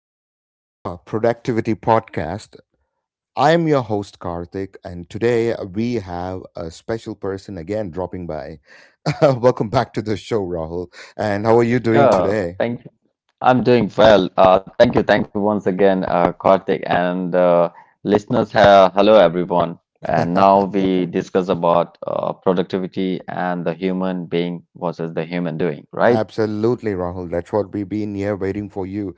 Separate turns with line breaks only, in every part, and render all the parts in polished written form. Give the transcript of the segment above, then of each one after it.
to another productivity podcast. I am your host, Karthik, and today we have a special person again dropping by. Welcome back to the show, Rahul. And how are you doing
Yeah,
today?
thank you. I'm doing well. Thank you. Thank you once again, Karthik and listeners. Hello, everyone. And now we discuss about productivity and the human being versus the human doing, right?
Absolutely, Rahul. That's what we've been here waiting for you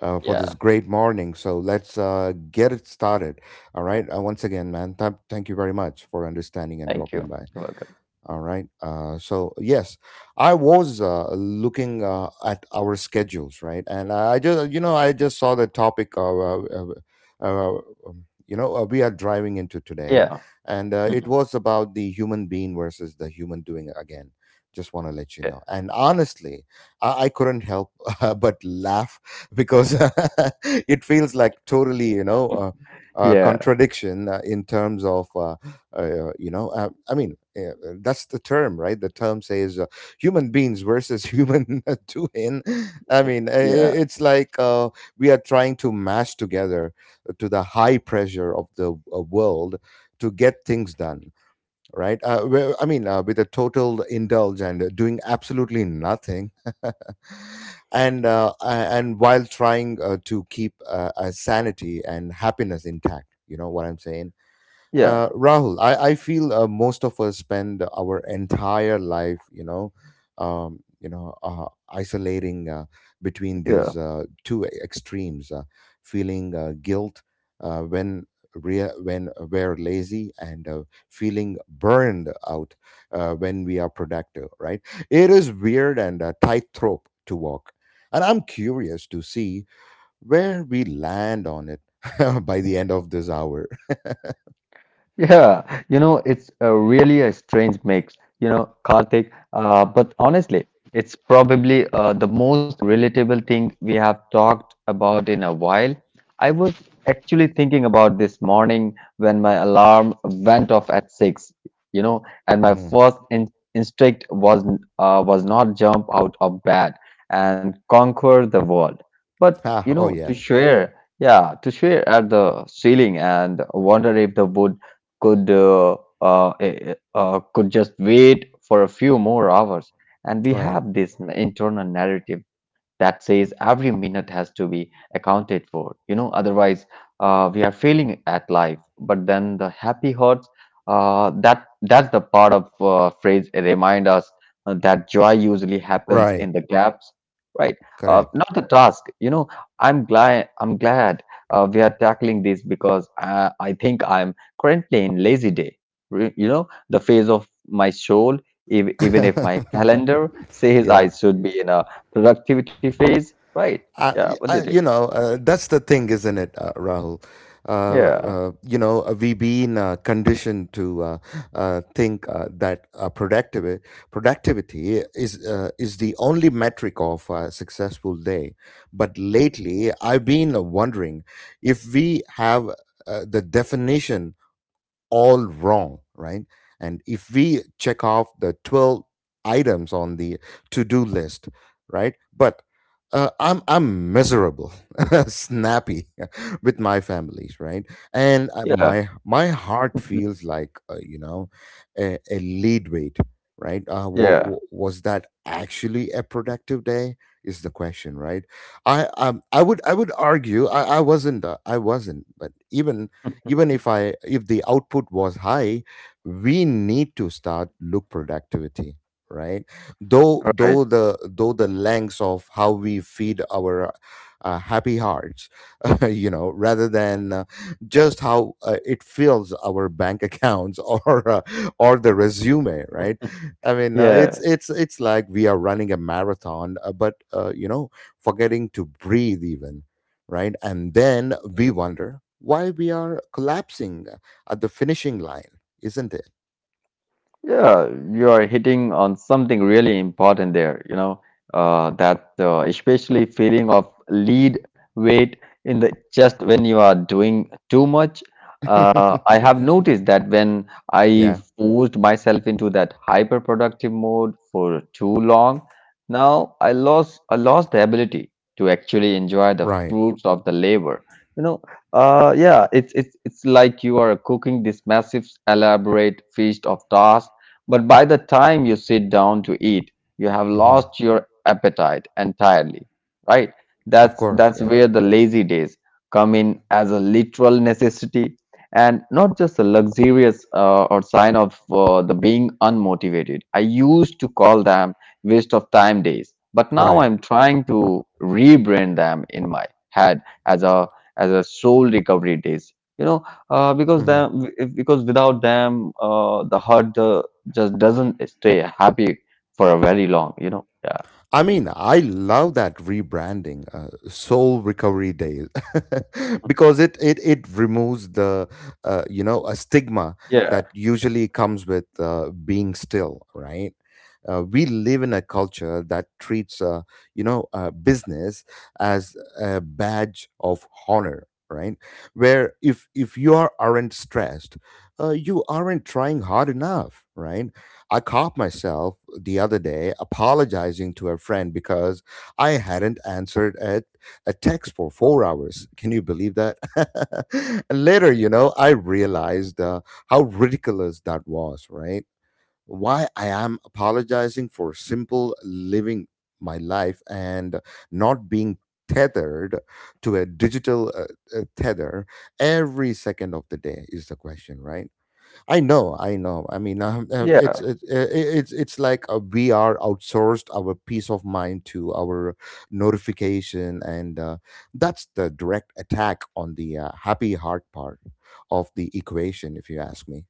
for
Yeah,
this great morning. So let's get it started. All right. Once again, man, thank you very much for understanding and
thank you.
dropping by.
You're welcome.
All right. So yes, I was looking at our schedules, right? And I just saw the topic of, uh, we are driving into today,
Yeah.
and it
Mhm.
was about the human being versus the human doing again. Just want to let you
Yeah.
know. And honestly, I couldn't help but laugh because it feels like totally,
Yeah.
contradiction in terms of. You know I mean That's the term, right? The term says, human beings versus human doing.
Yeah.
It's like, we are trying to mash together to the high pressure of the world to get things done, right? Well, with a total indulge and doing absolutely nothing. And and while trying to keep sanity and happiness intact, you know what I'm saying?
Yeah.
Rahul, I feel most of us spend our entire life, isolating between
Yeah.
these two extremes, feeling guilt when when we're lazy, and feeling burned out when we are productive. Right? It is weird and a tightrope to walk, and I'm curious to see where we land on it by the end of this hour. Yeah,
Yeah, you know,
you know,
it's a
it's really
really a
a
strange
strange
mix,
name,
you
you
know,
know,
Karthik.
Karthik.
But
But
honestly,
honestly,
it's
it's
probably
probably
the
the
most
most.
relatable thing we have talked about in a while. I was actually thinking about this morning when my alarm went off at six, you know, and my
Mm-hmm.
first in instinct was not jump out of bed and conquer the world, but
Ah,
you
oh
know, to
yes.
share, yeah, to share at the ceiling and wonder if the wood could could just wait for a few more hours. And we
Right.
have this internal narrative that says every minute has to be accounted for. You know, otherwise we are failing at life. But then the happy hearts that's the part of phrase remind us that joy usually happens
Right.
in the gaps, right?
Like, correct.
Not the task. You know, I'm glad we are tackling this because I think I'm currently in lazy day, you know, the phase of my soul, even if my calendar says I
Yeah.
should be in a productivity phase, right?
I,
Yeah, what do you think?
you know, that's the thing, isn't it, Rahul?
Yeah,
We've been conditioned to think that productivity is the only metric of a successful day. But lately, I've been wondering if we have the definition all wrong, right? And if we check off the 12 items on the to do list, right? But I'm miserable, snappy with my families, right? And uh,
yeah,
my my heart feels like a lead weight, right?
yeah,
Was that actually a productive day? Is the question, right? I would argue I wasn't I wasn't, but even even if I if the output was high, we need to start look productivity, right?
right.
Though the lengths of how we feed our happy hearts, you know, rather than just how it fills our bank accounts or the resume, right? I mean,
Yeah,
it's like we are running a marathon, but you know, forgetting to breathe even, right? And then we wonder why we are collapsing at the finishing line, isn't it?
yeah, you're hitting on something really important there, you know, that especially feeling of lead weight in the chest when you are doing too much. I have noticed that when I
Yeah,
forced myself into that hyperproductive mode for too long, now I lost the ability to actually enjoy the
right.
fruits of the labor. You know, yeah, it's it's like you are cooking this massive, elaborate feast of tasks but by the time you sit down to eat, you have
Hmm.
lost your appetite entirely, right?
Of
That's
course,
that's
yeah,
where the lazy days come in as a literal necessity and not just a luxurious or sign of the being unmotivated. I used to call them waste of time days, but now
right.
I'm trying to rebrand them in my head as a soul recovery days. You know,
Mm-hmm.
because without them the heart just doesn't stay happy for a very long, you know. Yeah.
I mean, I love that rebranding, Soul Recovery Day, because it removes the a stigma
Yeah,
that usually comes with being still, right? We live in a culture that treats business as a badge of honor, right? Where if you are aren't stressed, you aren't trying hard enough, right? I caught myself the other day apologizing to a friend because I hadn't answered a text for 4 hours. Can you believe that? And later, you know, I realized how ridiculous that was, right? Why I am apologizing for simple living my life and not being tethered to a digital tether every second of the day is the question, right? I know. I mean,
yeah.
it's like we are outsourced our peace of mind to our notification, and that's the direct attack on the happy heart part of the equation, if you ask me.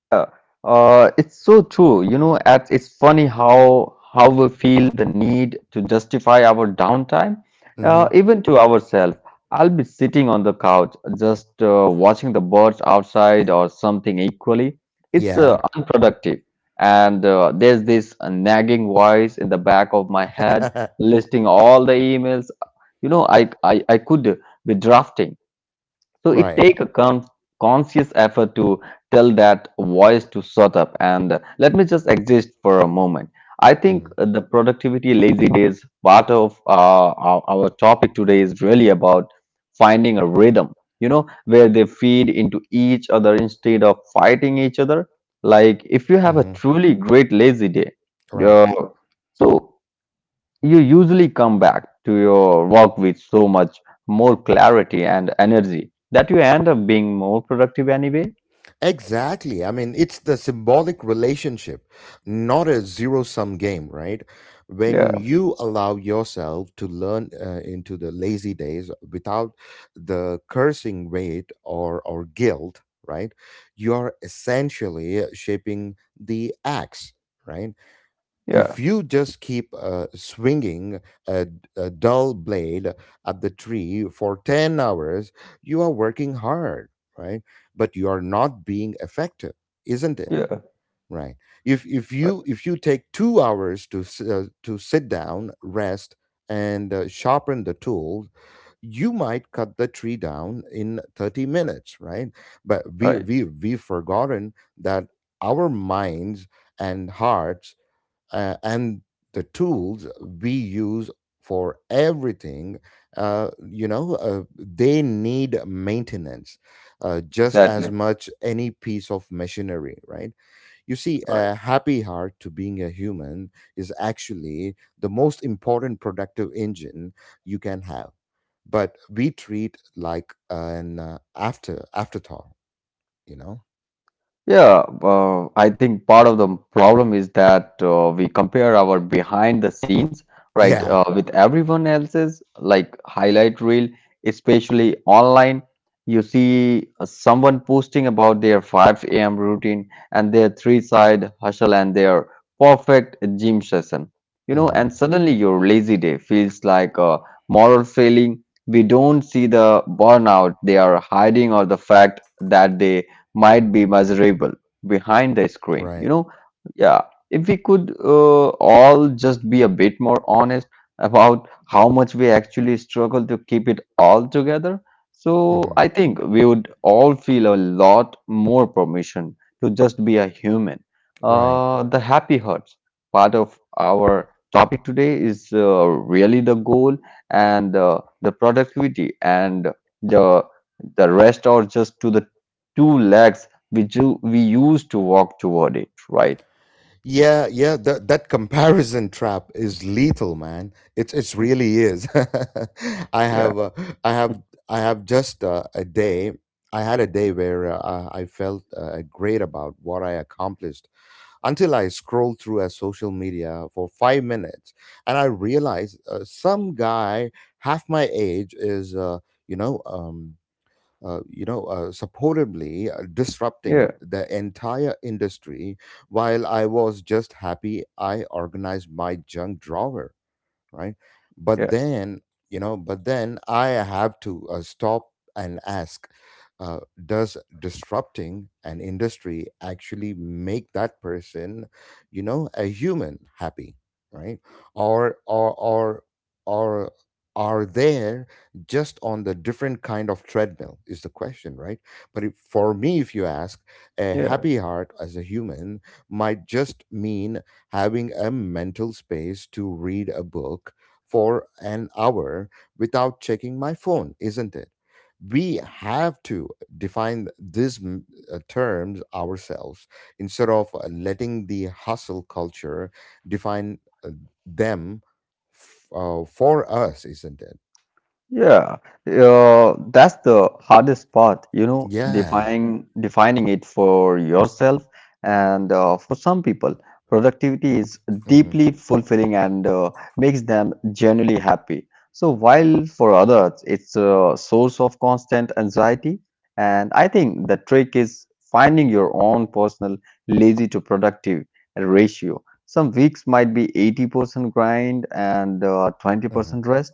Yeah, it's so true. You know, it's funny how we feel the need to justify our downtime,
Hmm.
even to ourselves. I'll be sitting on the couch, just watching the birds outside or something equally. It's
Yeah.
unproductive. And there's this nagging voice in the back of my head listing all the emails, you know, I could be drafting. So it
Right.
take a conscious effort to tell that voice to shut up and let me just exist for a moment. I
Hmm.
think the productivity lazy days part of our topic today is really about finding a rhythm, you know, where they feed into each other instead of fighting each other. Like if you have a
Hmm.
truly great lazy day,
Right.
uh, so you usually come back to your work with so much more clarity and energy that you end up being more productive anyway.
Exactly. I mean, it's the symbolic relationship, not a zero sum game, right? When
Yeah,
you allow yourself to learn into the lazy days without the cursing weight or guilt, right? You're essentially shaping the axe, right?
yeah,
If you just keep swinging a, a dull blade at the tree for 10 hours, you are working hard, right? But you are not being effective, isn't it?
yeah.
Right. If if
Right,
you if you take 2 hours to to sit down, rest, and sharpen the tools, you might cut the tree down in 30 minutes, right? But
right,
we've forgotten that our minds and hearts and the tools we use for everything they need maintenance just as
exactly.
much any piece of machinery, right? You see
Right.
a happy heart to being a human is actually the most important productive engine you can have, but we treat like an afterthought, you know?
Yeah, I think part of the problem is that we compare our behind the scenes, right,
Yeah.
with everyone else's, like highlight reel, especially online. You see someone posting about their 5 a.m. routine and their three-side hustle and their perfect gym session, you know,
Hmm.
and suddenly your lazy day feels like a moral failing. We don't see the burnout they are hiding or the fact that they might be miserable behind the screen. You
Right.
know, yeah, if we could all just be a bit more honest about how much we actually struggle to keep it all together, so
Hmm.
I think we would all feel a lot more permission to just be a human.
Right.
The happy hurts part of our topic today is really the goal and the productivity and the the rest are just to the two legs we used to walk toward it, right?
Yeah, yeah, that that comparison trap is lethal, man. It's really is. I
Yeah,
have I have I have just a day. I had a day where I felt great about what I accomplished until I scrolled through a social media for 5 minutes, and I realized some guy half my age is you know um, supportably disrupting
yeah,
the entire industry, while I was just happy I organized my junk drawer, right? But
yeah,
then I have to stop and ask, uh, does disrupting an industry actually make that person, you know, a human happy, right? Or or or or are there just on the different kind of treadmill is the question, right? But if, for me, if you ask, a
yeah.
happy heart as a human might just mean having a mental space to read a book for an hour without checking my phone, isn't it? We have to define these terms ourselves instead of letting the hustle culture define uh, them for us, isn't it?
Yeah, that's the hardest part, you know,
Yeah.
defining it for yourself and for some people, productivity is
Hmm.
deeply fulfilling and makes them genuinely happy. So while for others, it's a source of constant anxiety, and I think the trick is finding your own personal lazy to productive ratio. Some weeks might be 80% grind and
Hmm.
20% rest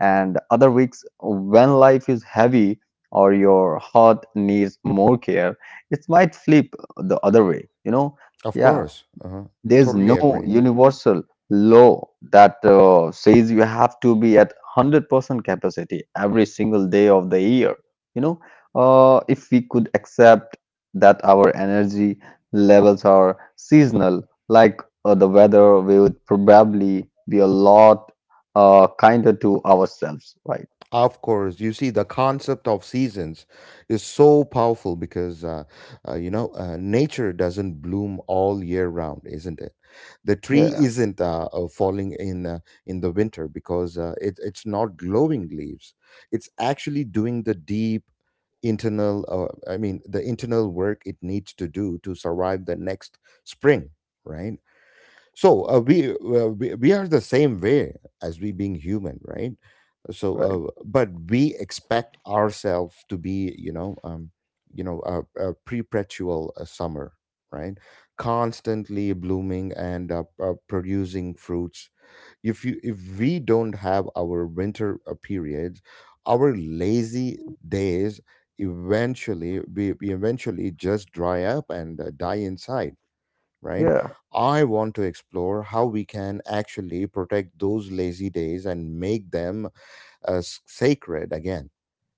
and other weeks when life is heavy or your heart needs more care it might flip the other way you know
Of
yeah
course.
there's
Totally
no
agree.
universal law that says you have to be at 100% capacity every single day of the year. You know, if we could accept that our energy levels are seasonal, like the weather, we would probably be a lot kinder to ourselves, right?
Of course, you see, the concept of seasons is so powerful because, nature doesn't bloom all year round, isn't it? The tree
Yeah,
isn't falling in the winter because it's not glowing leaves. It's actually doing the deep internal, the internal work it needs to do to survive the next spring, right? So we are the same way as we being human, right? So
right.
but we expect ourselves to be, you know, a perpetual summer, right? Constantly blooming and producing fruits. If you if we don't have our winter periods, our lazy days, eventually we eventually just dry up and die inside, right?
Yeah.
I want to explore how we can actually protect those lazy days and make them sacred again,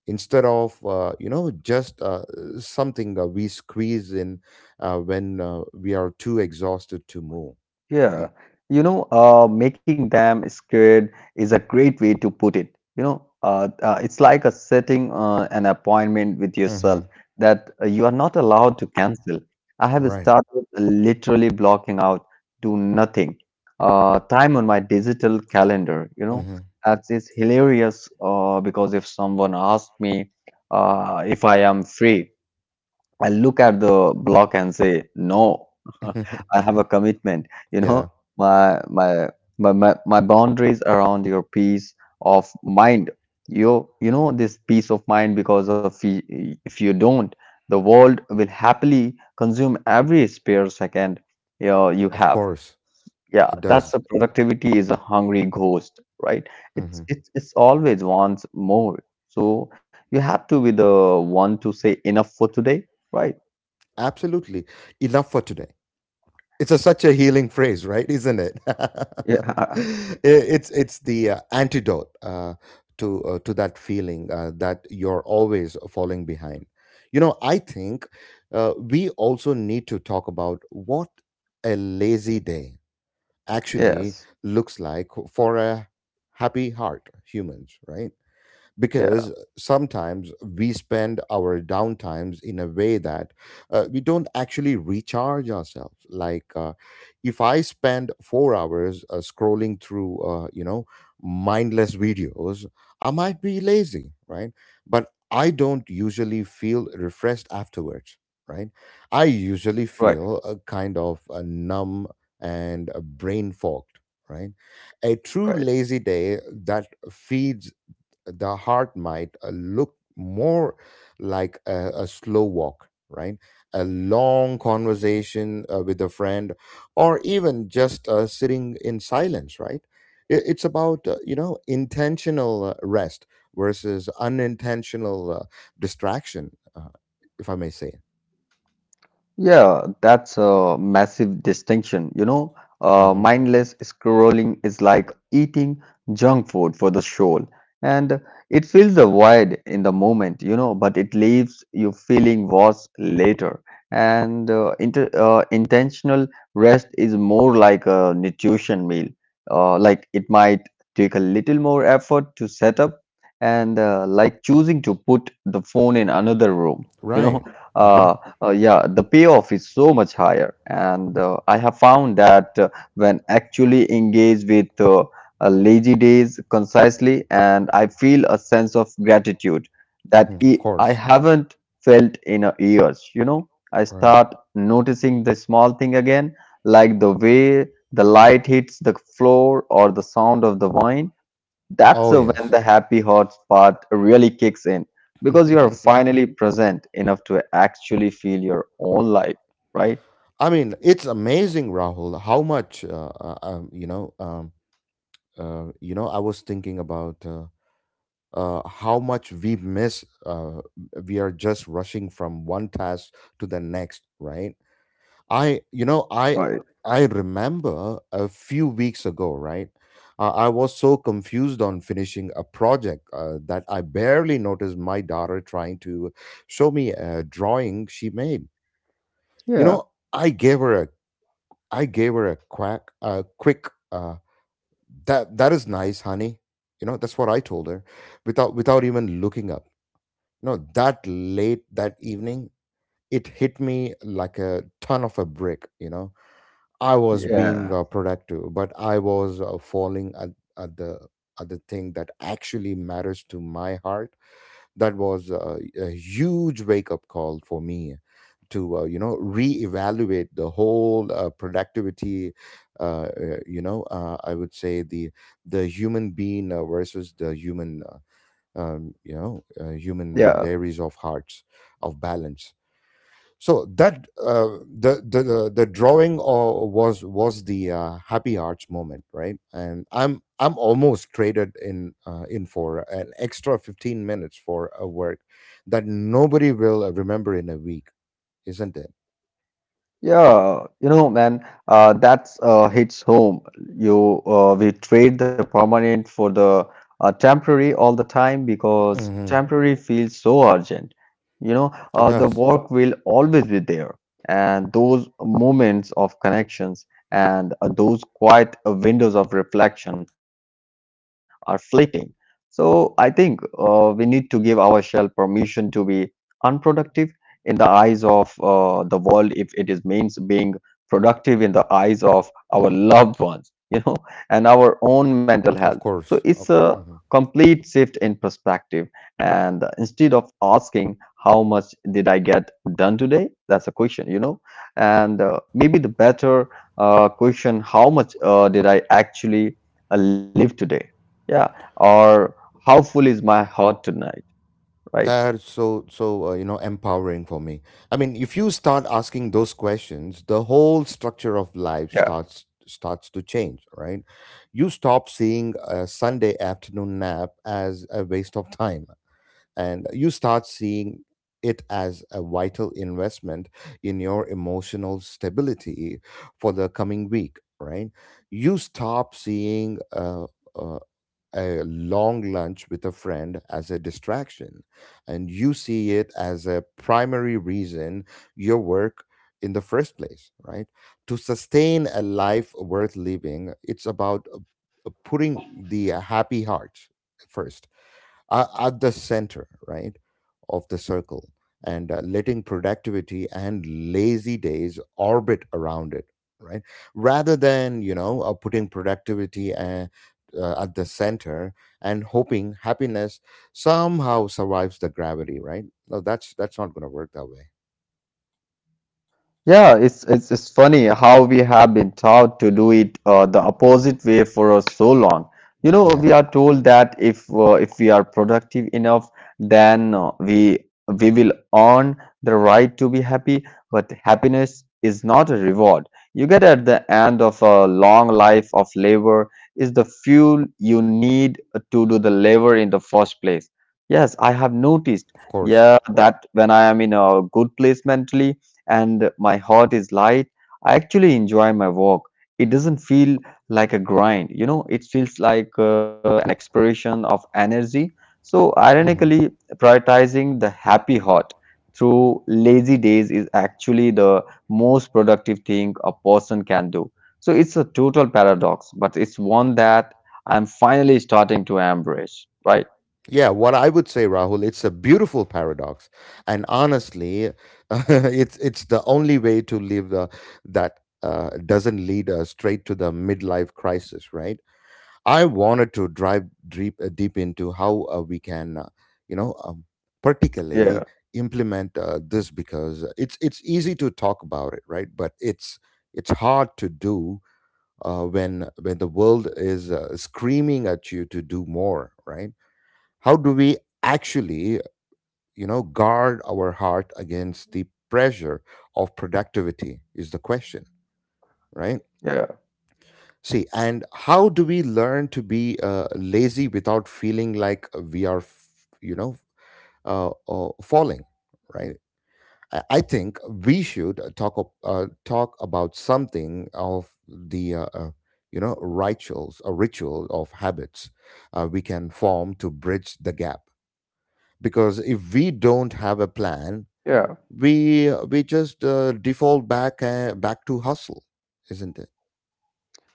instead of you know just something that we squeeze in when we are too exhausted to move,
Yeah,
right?
you know, making them scared is a great way to put it. You know, it's like a setting an appointment with yourself
Hmm.
that you are not allowed to cancel. I have
Right.
started literally blocking out do nothing time on my digital calendar. You know,
Hmm.
that is hilarious because if someone asks me if I am free, I look at the block and say, no, I have a commitment. You
Yeah.
know, my my my boundaries around your peace of mind. You know this peace of mind because of if you don't, the world will happily consume every spare second you, know, you
Of
have.
course
Yeah,
it
that's a
does.
productivity is a hungry ghost, right? It's
Hmm.
it's it's always wants more. So you have to be the one to say enough for today, right?
Absolutely. Enough for today. It's a, such a healing phrase, right? Isn't it? I-
Yeah.
it's the antidote to that feeling that you're always falling behind. You know, I think we also need to talk about what a lazy day actually
Yes.
looks like for a happy heart humans, right? Because
Yeah.
sometimes we spend our downtimes in a way that we don't actually recharge ourselves. Like if I spend 4 hours scrolling through mindless videos, I might be lazy, right? But I don't usually feel refreshed afterwards, right? I usually
Right.
feel a kind of a numb and a brain fogged, right? A true
Right.
lazy day that feeds the heart might look more like a slow walk, right? A long conversation with a friend, or even just sitting in silence, right? I- It's about intentional rest versus unintentional distraction, if I may say.
Yeah, that's a massive distinction. You know,
Hmm.
mindless scrolling is like eating junk food for the soul, and it fills a void in the moment, you know, but it leaves you feeling worse later. And inter intentional rest is more like a nutrition meal. Like it might take a little more effort to set up, and like choosing to put the phone in another room, you know.
Right. Uh-huh.
Uh, yeah, the payoff is so much higher, and I have found that when actually engaged with lazy days concisely, and I feel a sense of gratitude that
Hmm. Of
I
course.
haven't felt in years. You know, I
Right.
start noticing the small thing again, like the way the light hits the floor or the sound of the wine. That's
Oh
the when
yes.
the happy hearts part really kicks in because you are finally present enough to actually feel your own life, right?
I mean, it's amazing, Rahul, how much you know I was thinking about how much we miss we are just rushing from one task to the next, right? I you know i
Right.
I remember a few weeks ago. Right, I was so confused on finishing a project that I barely noticed my daughter trying to show me a drawing she made. You
Yeah,
know, I gave her a quack a quick, That is nice, honey." You know, that's what I told her without even looking up. No, that late that evening it hit me like a ton of a brick. You know, I was being
yeah,
productive, but I was falling at the thing that actually matters to my heart. That was a huge wake up call for me to you know reevaluate the whole productivity, you know, I would say the human being versus the human you know, human
yeah.
dairies of hearts of balance. So that the, drawing or was the happy arts moment, right? And I'm almost traded in for an extra 15 minutes for a work that nobody will remember in a week, isn't it?
Yeah, you know, man, that's hits home. You we trade the permanent for the temporary all the time because
Hmm,
temporary feels so urgent. You know,
it
the
does,
work will always be there, and those moments of connections and those quiet windows of reflection are fleeting. So I think we need to give ourselves permission to be unproductive in the eyes of the world if it is means being productive in the eyes of our loved ones, you know, and our own mental health.
of
So
course.
it's
Of.
a
Mhm.
complete shift in perspective. And instead of asking how much did I get done today, that's a question, you know, and maybe the better question, how much did I actually live today? Yeah or how full is my heart tonight, right?
That's so you know empowering for me. I mean, if you start asking those questions, the whole structure of life
Yeah.
starts to change, right? You stop seeing a Sunday afternoon nap as a waste of time, and you start seeing it as a vital investment in your emotional stability for the coming week, right? You stop seeing uh, a long lunch with a friend as a distraction, and you see it as a primary reason your work in the first place, right? To sustain a life worth living, it's about putting the happy heart first, are at the center, right, of the circle, and letting productivity and lazy days orbit around it, right, rather than you know putting productivity at the center and hoping happiness somehow survives the gravity, right? No, that's not going to work that way.
Yeah, it's funny how we have been taught to do it the opposite way for so long. You know,
Yeah,
we are told that if we are productive enough, then we will earn the right to be happy. But happiness is not a reward you get at the end of a long life of labor is the fuel you need to do the labor in the first place. Yes, I have noticed.
of course.
Yeah, that when I am in a good place mentally and my heart is light. I actually enjoy my walk. It doesn't feel like a grind, you know, it feels like an expression of energy. So,
Mhm.
ironically, prioritizing the happy heart through lazy days is actually the most productive thing a person can do. So, it's a total paradox, but it's one that I'm finally starting to embrace, right?
Yeah, what I would say, Rahul, it's a beautiful paradox, and honestly, it's the only way to live that doesn't lead us straight to the midlife crisis, right? I wanted to drive deep into how we can, you know, um, particularly
Yeah,
implement this, because it's easy to talk about it, right? But it's hard to do when the world is screaming at you to do more, right? How do we actually you know guard our heart against the pressure of productivity is the question, right?
yeah,
See, and how do we learn to be lazy without feeling like we are you know falling, right? I think we should talk about something of the you know rituals, a ritual of habits we can form to bridge the gap, because if we don't have a plan
yeah.
we just default back to hustle, isn't it?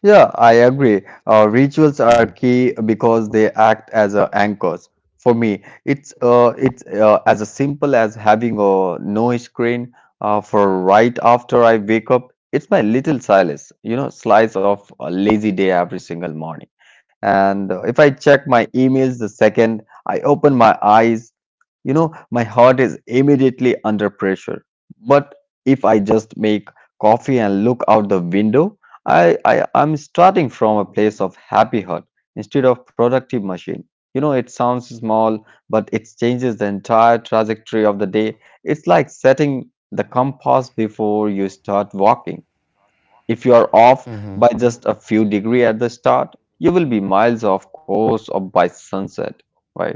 Yeah, I agree. Rituals are
Hmm.
key because they act as anchors. For me, it's as a simple as having a no screen for right after I wake up. It's my little solace, you know, slice of a lazy day every single morning. And if I check my emails the second I open my eyes, you know, my heart is immediately under pressure. But if I just make coffee and look out the window, I'm starting from a place of happy heart instead of productive machine. You know, it sounds small, but it changes the entire trajectory of the day. It's like setting the compass before you start walking. If you are off
Hmm,
by just a few degree at the start, you will be miles off course or by sunset, right?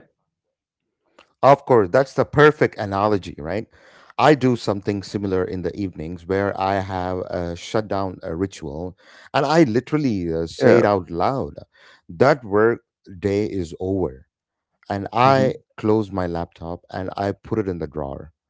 of course, that's the perfect analogy, right? I do something similar in the evenings, where I have a shutdown a ritual, and I literally say
Yeah.
it out loud that work day is over, and
Hmm.
I close my laptop and I put it in the drawer.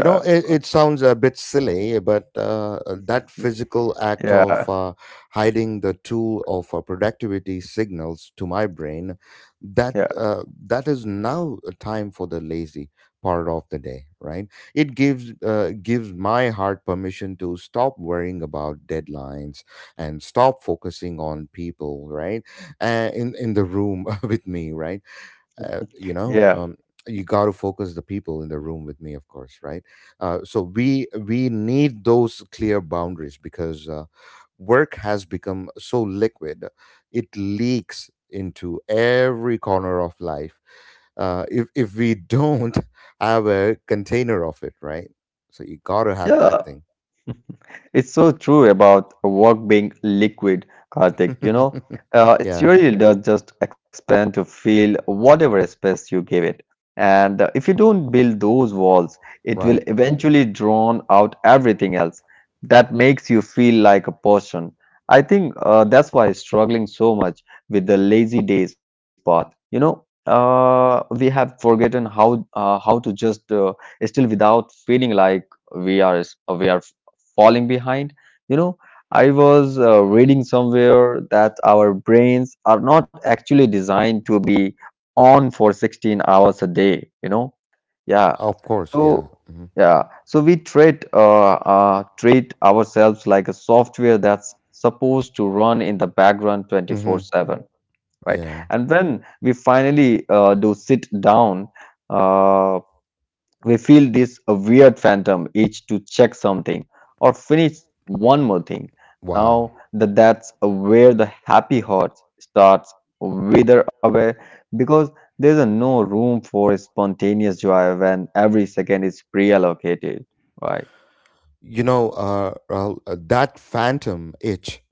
You know, it sounds a bit silly, but that
Mhm.
physical act
Yeah,
of hiding the tool of productivity signals to my brain that
yeah,
that is now a time for the lazy part of the day, right? It gives gives my heart permission to stop worrying about deadlines and stop focusing on people, right? In the room with me, right? uh, you know
yeah,
um, you got to focus the people in the room with me, of course, right? So we need those clear boundaries, because work has become so liquid, it leaks into every corner of life. If we don't have a container of it, right? So you gotta have that
yeah.
thing.
It's so true about work being liquid, Karthik. You know, uh, it
Yeah.
really does just expand to fill whatever space you give it. And if you don't build those walls, it will
Right,
eventually drown out everything else that makes you feel like a person. I think that's why struggling so much with the lazy days part. You know, we have forgotten how to just still without feeling like we are we are falling behind. You know, I was reading somewhere that our brains are not actually designed to be on for 16 hours a day, you know. Yeah.
of course. Yeah.
So,
Hmm.
yeah. So we treat treat ourselves like a software that's supposed to run in the background
Hmm.
24/7, right?
Yeah.
And when we finally do sit down, uh, we feel this weird phantom itch to check something or finish one more thing.
Wow.
Now that's where the happy heart starts wither away because there's a no room for spontaneous joy when every second is pre-allocated. Right?
You know, Rahul, that phantom itch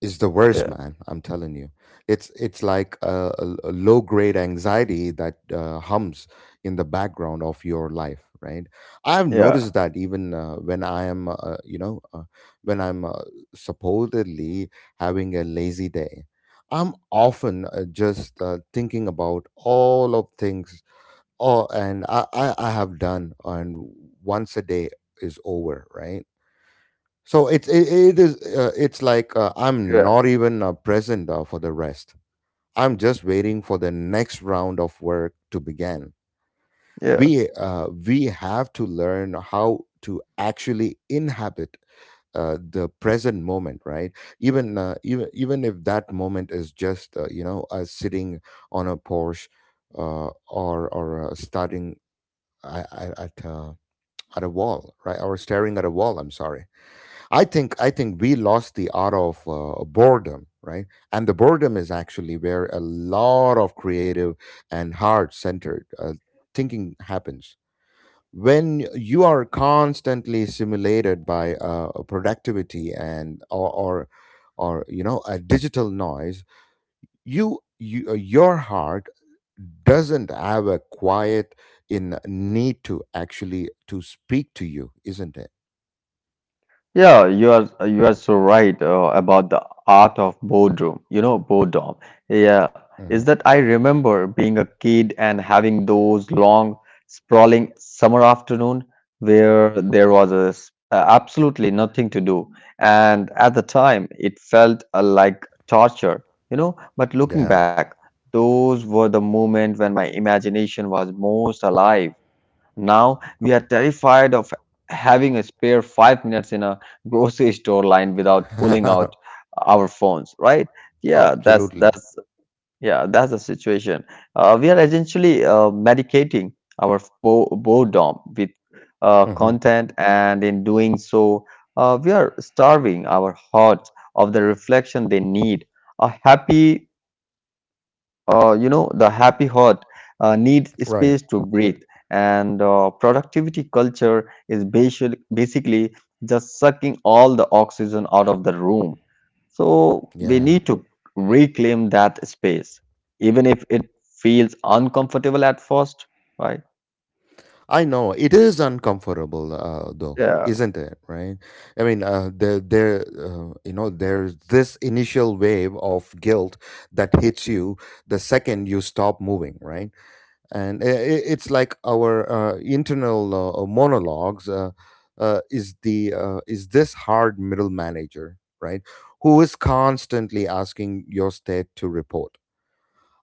is the worst,
Yeah.
man. I'm telling you, it's like a low grade anxiety that hums in the background of your life, right? I've
Yeah.
noticed that even when I am, when I'm supposedly having a lazy day, I'm often just thinking about all of things, oh, and I have done, and once a day is over, right? So it is it's like I'm
Yeah.
not even present for the rest. I'm just waiting for the next round of work to begin.
Yeah.
We have to learn how to actually inhabit the present moment, right? Even if that moment is just you know sitting on a porch or starting uh, at, at, uh, at a wall, right? Or staring at a wall. I'm sorry. I think we lost the art of boredom, right? And the boredom is actually where a lot of creative and heart-centered thinking happens. When you are constantly stimulated by productivity and or you know a digital noise, you your heart doesn't have a quiet in need to actually to speak to you, isn't it?
Yeah, you are so right about the art of boredom. You know, boredom. Yeah, is
Mhm.
that I remember being a kid and having those long, sprawling summer afternoon where there was a, absolutely nothing to do, and at the time it felt like torture. You know, but looking
Yeah.
back, those were the moments when my imagination was most alive. Now we are terrified of having a spare 5 minutes in a grocery store line without pulling out our phones, right? Yeah, that's
Absolutely.
that's yeah, that's the situation. We are essentially medicating our boredom with
Hmm.
content, and in doing so, we are starving our hearts of the reflection they need. A happy you know, the happy heart needs space
Right.
to breathe, and productivity culture is basically just sucking all the oxygen out of the room. So we
Yeah.
need to reclaim that space, even if it feels uncomfortable at first, right?
I know it is uncomfortable, though,
Yeah,
isn't it? Right. I mean, you know, there's this initial wave of guilt that hits you the second you stop moving, right? And it's like our internal monologues. Is the is this hard middle manager, right? Who is constantly asking your state to report?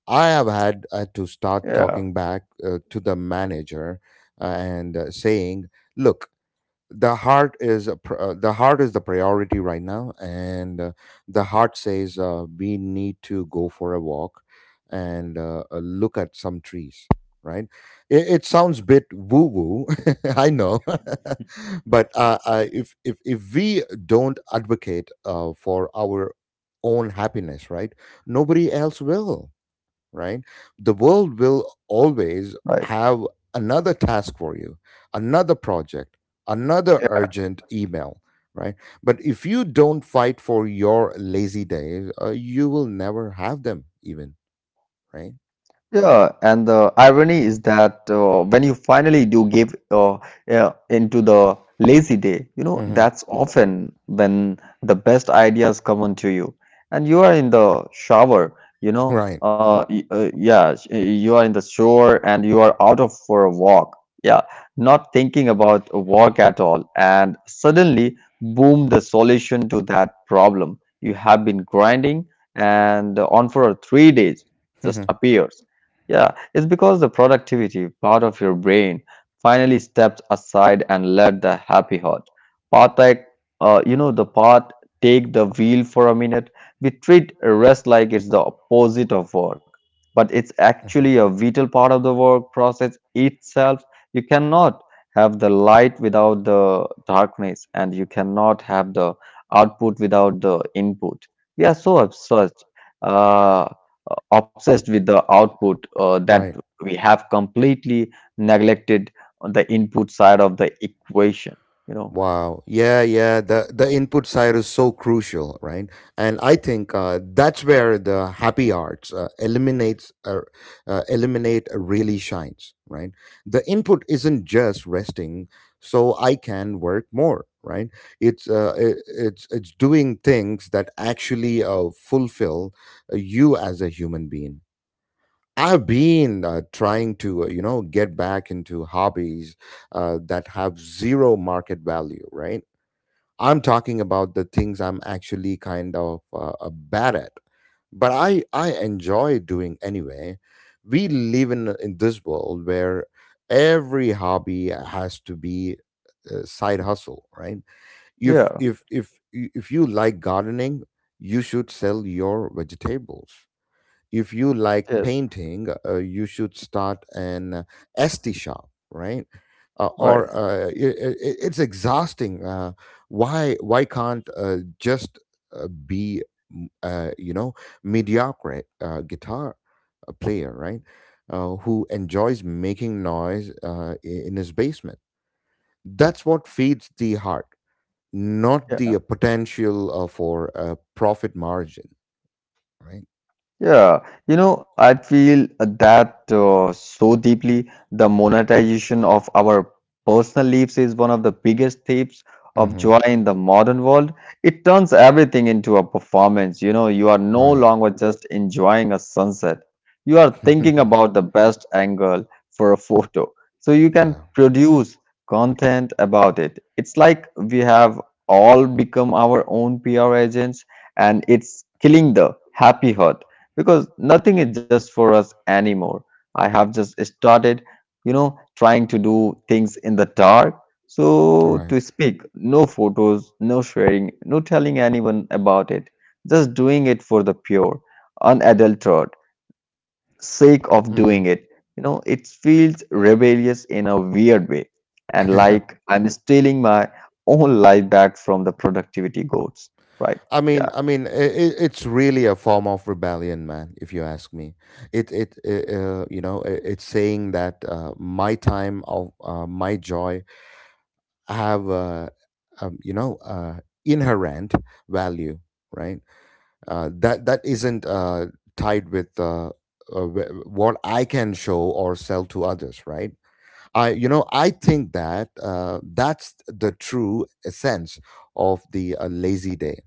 I have had to start
yeah,
talking back to the manager and saying, "Look, the heart is a the heart is the priority right now, and the heart says we need to go for a walk and look at some trees." Right? It sounds bit woo woo, I know, but if we don't advocate for our own happiness, right? Nobody else will, right? The world will always
right.
have another task for you, another project, another urgent email, right? But if you don't fight for your lazy days, you will never have them, even, right?
Yeah, and the irony is that when you finally do give yeah, into the lazy day, you know,
Hmm.
that's often when the best ideas come onto you. And you are in the shower,
Right.
you are in the shower and you are out of for a walk. Yeah, not thinking about a walk at all. And suddenly, boom, the solution to that problem you have been grinding and on for 3 days just
Mhm.
appears yeah, it's because the productivity part of your brain finally steps aside and let the happy heart part like you know the part take the wheel for a minute. We treat rest like it's the opposite of work, but it's actually
Mhm.
a vital part of the work process itself. You cannot have the light without the darkness, and you cannot have the output without the input. We are so obsessed. Uh, uh, obsessed with the output that
Right.
we have completely neglected on the input side of the equation, you know.
Wow. Yeah, yeah. The input side is so crucial, right? And I think that's where the happy arts eliminate really shines, right? The input isn't just resting so I can work more, right? It's doing things that actually fulfill you as a human being. I've been trying to, you know, get back into hobbies that have zero market value, right? I'm talking about the things I'm actually kind of bad at, but I enjoy doing anyway. We live in this world where every hobby has to be a side hustle, right? If
Yeah,
if if if you like gardening, you should sell your vegetables. If you like
yes,
painting, you should start an ST shop, right? Or
right,
it, it's exhausting. Why can't just be you know mediocre guitar player, right? Who enjoys making noise in his basement? That's what feeds the heart, not
yeah.
the potential for a profit margin, right?
Yeah, you know, I feel that so deeply. The monetization of our personal lives is one of the biggest thieves of joy in the modern world. It turns everything into a performance. You know, you are no
Right.
longer just enjoying a sunset, you are thinking about the best angle for a photo. So you can
Yeah.
produce content about it. It's like we have all become our own PR agents, and it's killing the happy heart because nothing is just for us anymore. I have just started, you know, trying to do things in the dark.
All
So,
right.
to
You're.
speak, no photos, no sharing, no telling anyone about it, just doing it for the pure, unadulterated sake of doing
Mm-hmm.
it. You know, it feels rebellious in a weird way and like I'm stealing my own life back from the productivity goats, right?
I now. Mean,
Yeah.
I mean, it, it's really a form of rebellion, man. If you ask me, you know, it's saying that my time of my joy have, you know, inherent value, right? That isn't tied with what I can show or sell to others, right? I think that that's the true essence of the lazy day.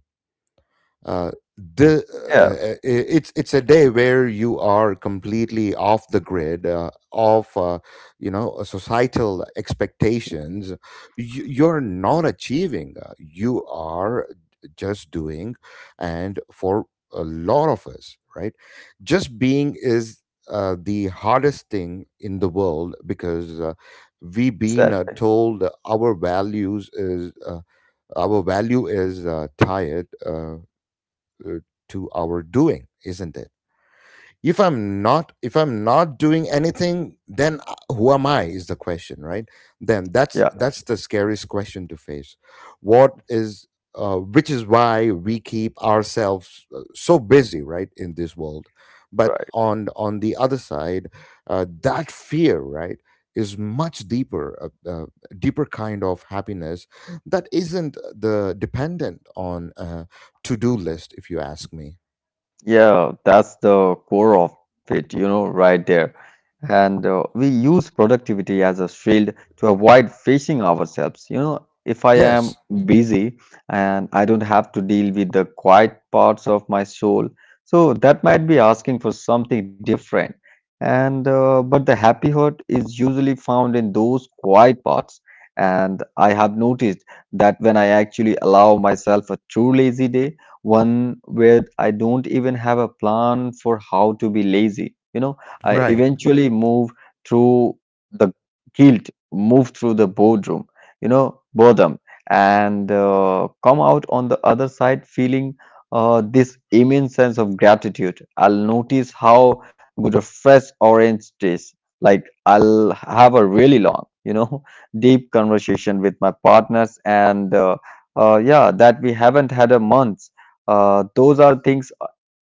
uh, the
Yeah.
uh, uh, i- it's it's a day where you are completely off the grid, off societal expectations. You're not achieving, you are just doing. And for a lot of us, right, just being is the hardest thing in the world, because we've
It's
been
that.
told our values is our value is tired, uh, to our doing, isn't it? If I'm not doing anything, then who am I is the question, right? Then
Yeah.
that's the scariest question to face. What is, which is why we keep ourselves so busy, right, in this world. But
Right.
on the other side, that fear, right, is much deeper. Deeper kind of happiness that isn't the dependent on a to-do list, if you ask me.
Yeah, that's the core of it, you know, right there. And we use productivity as a shield to avoid facing ourselves. You know, if I am
Yes,
busy and I don't have to deal with the quiet parts of my soul, so that might be asking for something different. And but the happy hurt is usually found in those quiet parts. And I have noticed that when I actually allow myself a true lazy day, one where I don't even have a plan for how to be lazy. You know, I
right.
eventually move through the guilt, move through the boredom, you know, boredom, and come out on the other side feeling this immense sense of gratitude. I'll notice how good a fresh orange tastes. Like I'll have a really long, you know, deep conversation with my partners and yeah, that we haven't had a month those are things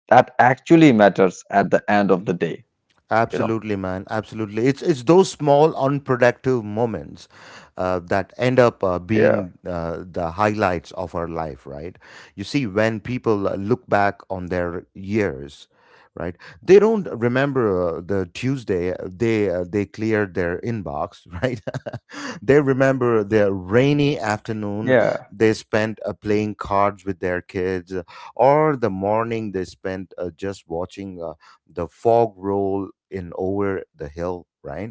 that actually matters at the end of the day, you know.
Absolutely, man. Absolutely. It's those small unproductive moments that end up
Yeah,
being the highlights of our life, right? You see, when people look back on their years, right, they don't remember the Tuesday they cleared their inbox, right? They remember their rainy afternoon
yeah,
they spent playing cards with their kids, or the morning they spent just watching the fog roll in over the hill, right?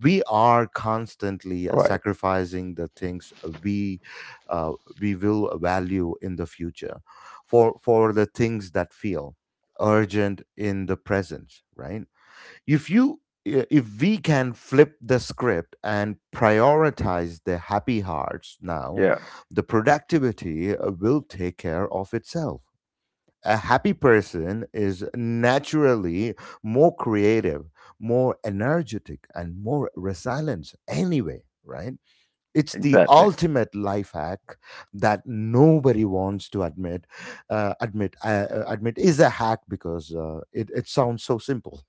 We are constantly
right,
sacrificing the things we uh, we will value in the future for the things that feel urgent in the present, right? If you I- if we can flip the script and prioritize the happy hearts now,
yeah,
the productivity will take care of itself. A happy person is naturally more creative, more energetic, and more resilient anyway, right? It's the
exactly,
ultimate life hack that nobody wants to admit. Admit is a hack because it sounds so simple.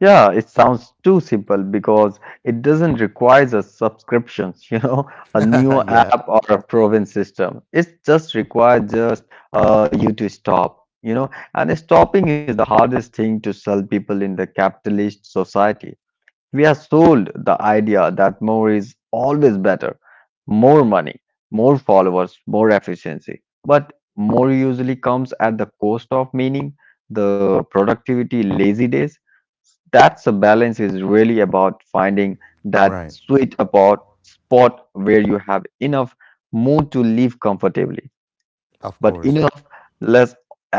yeah, it sounds too simple because it doesn't require a subscriptions, you know, a new
Yeah,
app or a proven system. It just requires just you to stop, you know, and stopping is the hardest thing to sell people in the capitalist society. We are sold the idea that more is always better. More money, more followers, more efficiency. But more usually comes at the cost of meaning, the productivity, lazy days. That's a balance is really about finding that
right.
sweet about spot where you have enough mood to live comfortably
Of
but
course.
enough let's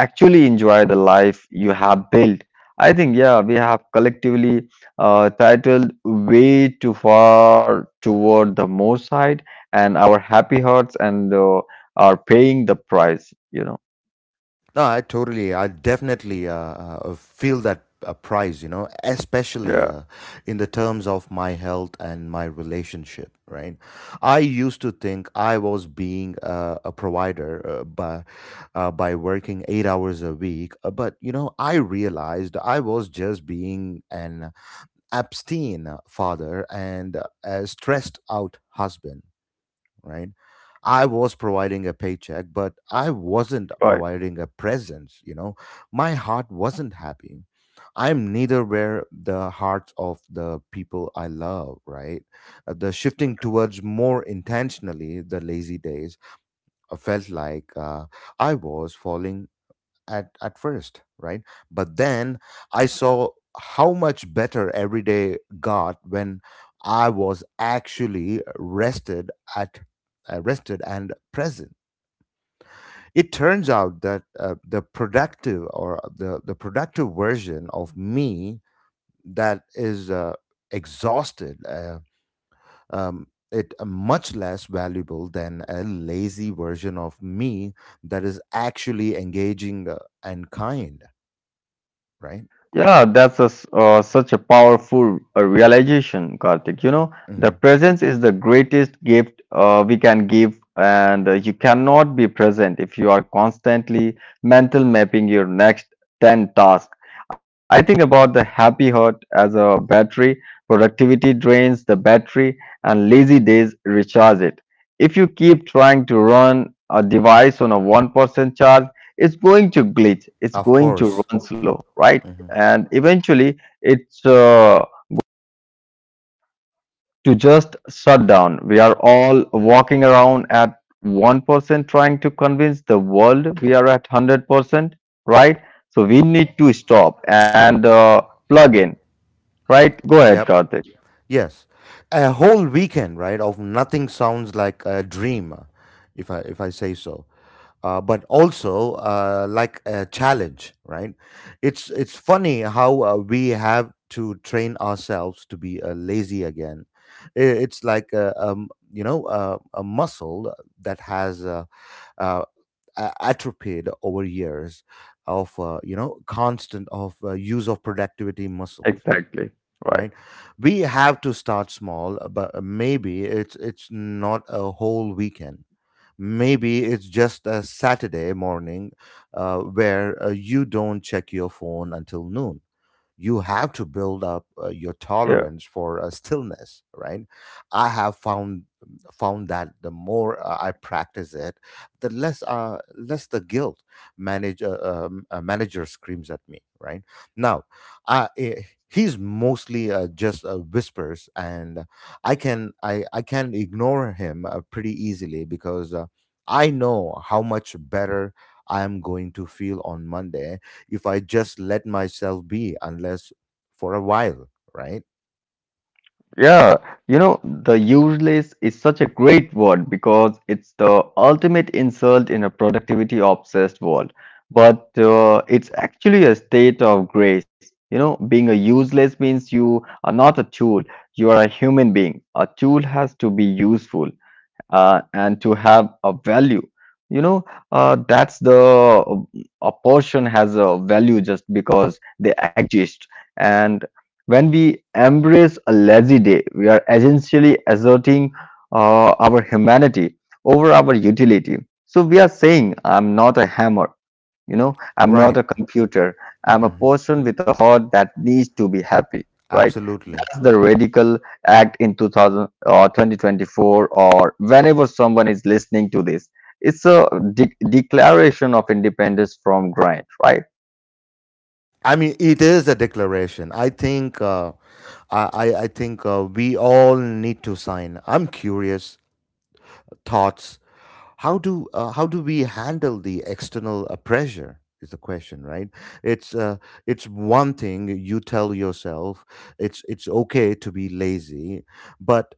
actually enjoy the life you have built. I think, yeah, we have collectively titled way too far toward the more side, and our happy hearts and are paying the price, you know.
No, I totally, I definitely feel that price, you know, especially
Yeah,
in the terms of my health and my relationship, right? I used to think I was being a provider by working 8 hours a week, but you know, I realized I was just being an abstain father and a stressed out husband, right? I was providing a paycheck, but I wasn't
right.
providing a presence, you know. My heart wasn't happy. I'm neither where the hearts of the people I love, right? The shifting towards more intentionally the lazy days felt like I was falling at first, right? But then I saw how much better every day got when I was actually rested at rested and present. It turns out that the productive version of me that is exhausted. It much less valuable than a lazy version of me that is actually engaging, and kind, right.
Yeah, that's a s such a powerful realization, Karthik. You know, the
Mhm.
presence is the greatest gift we can give, and you cannot be present if you are constantly mental mapping your next 10 tasks. I think about the happy heart as a battery. Productivity drains the battery and lazy days recharge it. If you keep trying to run a device on a 1% charge, it's going to glitch. It's
Of
going to
course.
run slow, right?
Mhm.
And eventually, it's to just shut down. We are all walking around at 1% trying to convince the world we are at 100%, right? So we need to stop and plug in. Right? Go ahead,
Yep.
Karthik.
Yes. A whole weekend, right, of nothing sounds like a dream, if I say so. But also like a challenge, right? It's funny how we have to train ourselves to be lazy again. It's like a, you know, a muscle that has uh, atrophied over years of you know, constant of use of productivity muscles.
Exactly.
Right,
Right.
we have to start small, but maybe it's not a whole weekend. Maybe it's just a Saturday morning where you don't check your phone until noon. You have to build up your
Yeah.
tolerance for stillness, right? I have found that the more I practice it, the less the guilt manager manager screams at me, right? Now i eh, he's mostly just whispers, and I can ignore him pretty easily, because I know how much better I am going to feel on Monday if I just let myself be, unless for a while, right?
Yeah. You know, the useless is such a great word because it's the ultimate insult in a productivity obsessed world. But it's actually a state of grace. You know, being a useless means you are not a tool, you are a human being. A tool has to be useful, and to have a value, you know. Uh, that's the uh, a person has a value just because they exist, and when we embrace a lazy day we are essentially asserting our humanity over our utility. So we are saying I'm not a hammer, you know, I'm
Right.
not a computer, I'm a person with a heart that needs to be happy, right?
Absolutely.
The Radical Act in 2000 or 2024 or whenever someone is listening to this. It's a declaration of independence from grant, right?
I mean, it is a declaration, I think. I think we all need to sign. I'm curious thoughts. How do we handle the external pressure is the question, right? It's uh, it's one thing you tell yourself it's okay to be lazy, but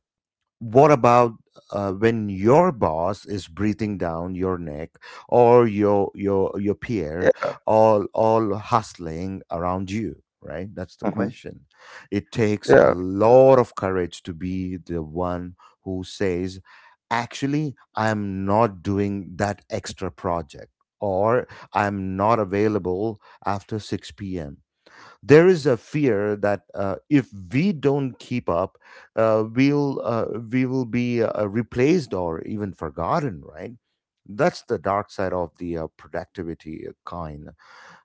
what about when your boss is breathing down your neck, or your peer
Yeah.
all hustling around you, right? That's
Mhm.
the question. It
Yeah.
takes a lot of courage to be the one who says, actually, I'm not doing that extra project, or I'm not available after 6 p.m. There is a fear that if we don't keep up, we will be replaced or even forgotten, right? That's the dark side of the productivity kind.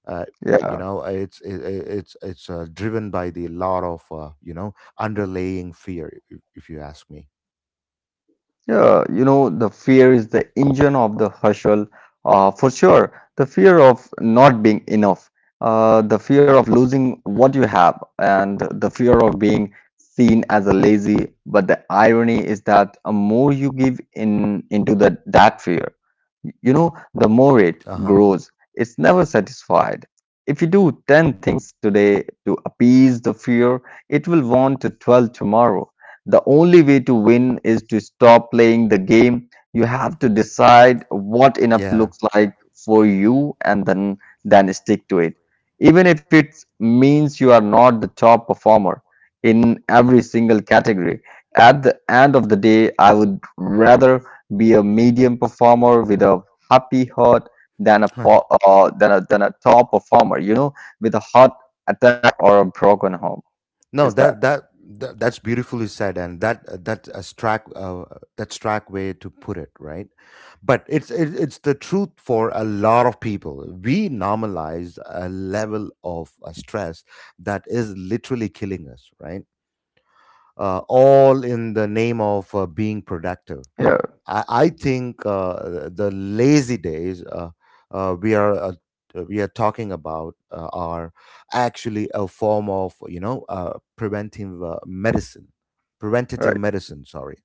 Uh, you
Yeah.
know, it's it, it- it's driven by the lot of you know, underlaying fear, if you ask me.
Yeah, you know, the fear is the engine of the hustle, for sure. The fear of not being enough, the fear of losing what you have, and the fear of being seen as a lazy. But the irony is that the more you give in into the that fear, you know, the more it
Uh huh.
grows. It's never satisfied. If you do 10 things today to appease the fear, it will want to 12 tomorrow. The only way to win is to stop playing the game. You have to decide what enough
Yeah.
looks like for you and then stick to it. Even if it means you are not the top performer in every single category. At the end of the day, I would rather be a medium performer with a happy heart than a po- than a top performer, with a heart attack or a broken home.
No,
Is that
that's beautifully said, and that's a strack that's strack way to put it, right? But it's the truth for a lot of people. We normalize a level of stress that is literally killing us, right? All in the name of being productive.
yeah,
I think the lazy days uh, we are uh, we are talking about are actually a form of, you know, preventive medicine, preventative
right.
medicine. Sorry.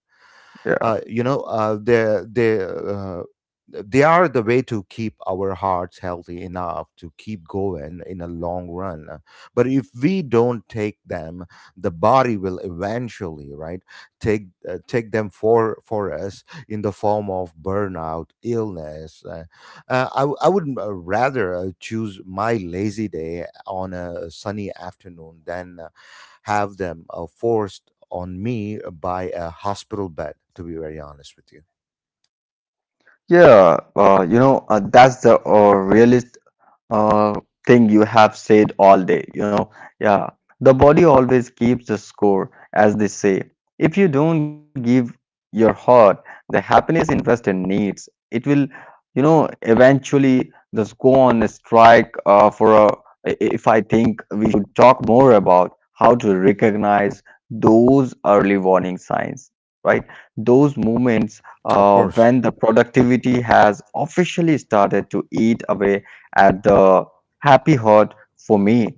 Yeah.
You know, they are the way to keep our hearts healthy enough to keep going in a long run. But if we don't take them, the body will eventually, right, take take them for us in the form of burnout illness. I would rather choose my lazy day on a sunny afternoon than have them forced on me by a hospital bed, to be very honest with you.
Yeah, that's the really uh, thing you have said all day. Yeah, the body always keeps the score, as they say. If you don't give your heart the happiness investor needs, it will, eventually just go on a strike. If I think we should talk more about how to recognize those early warning signs, right? Those moments
Of course.
when the productivity has officially started to eat away at the happy hot for me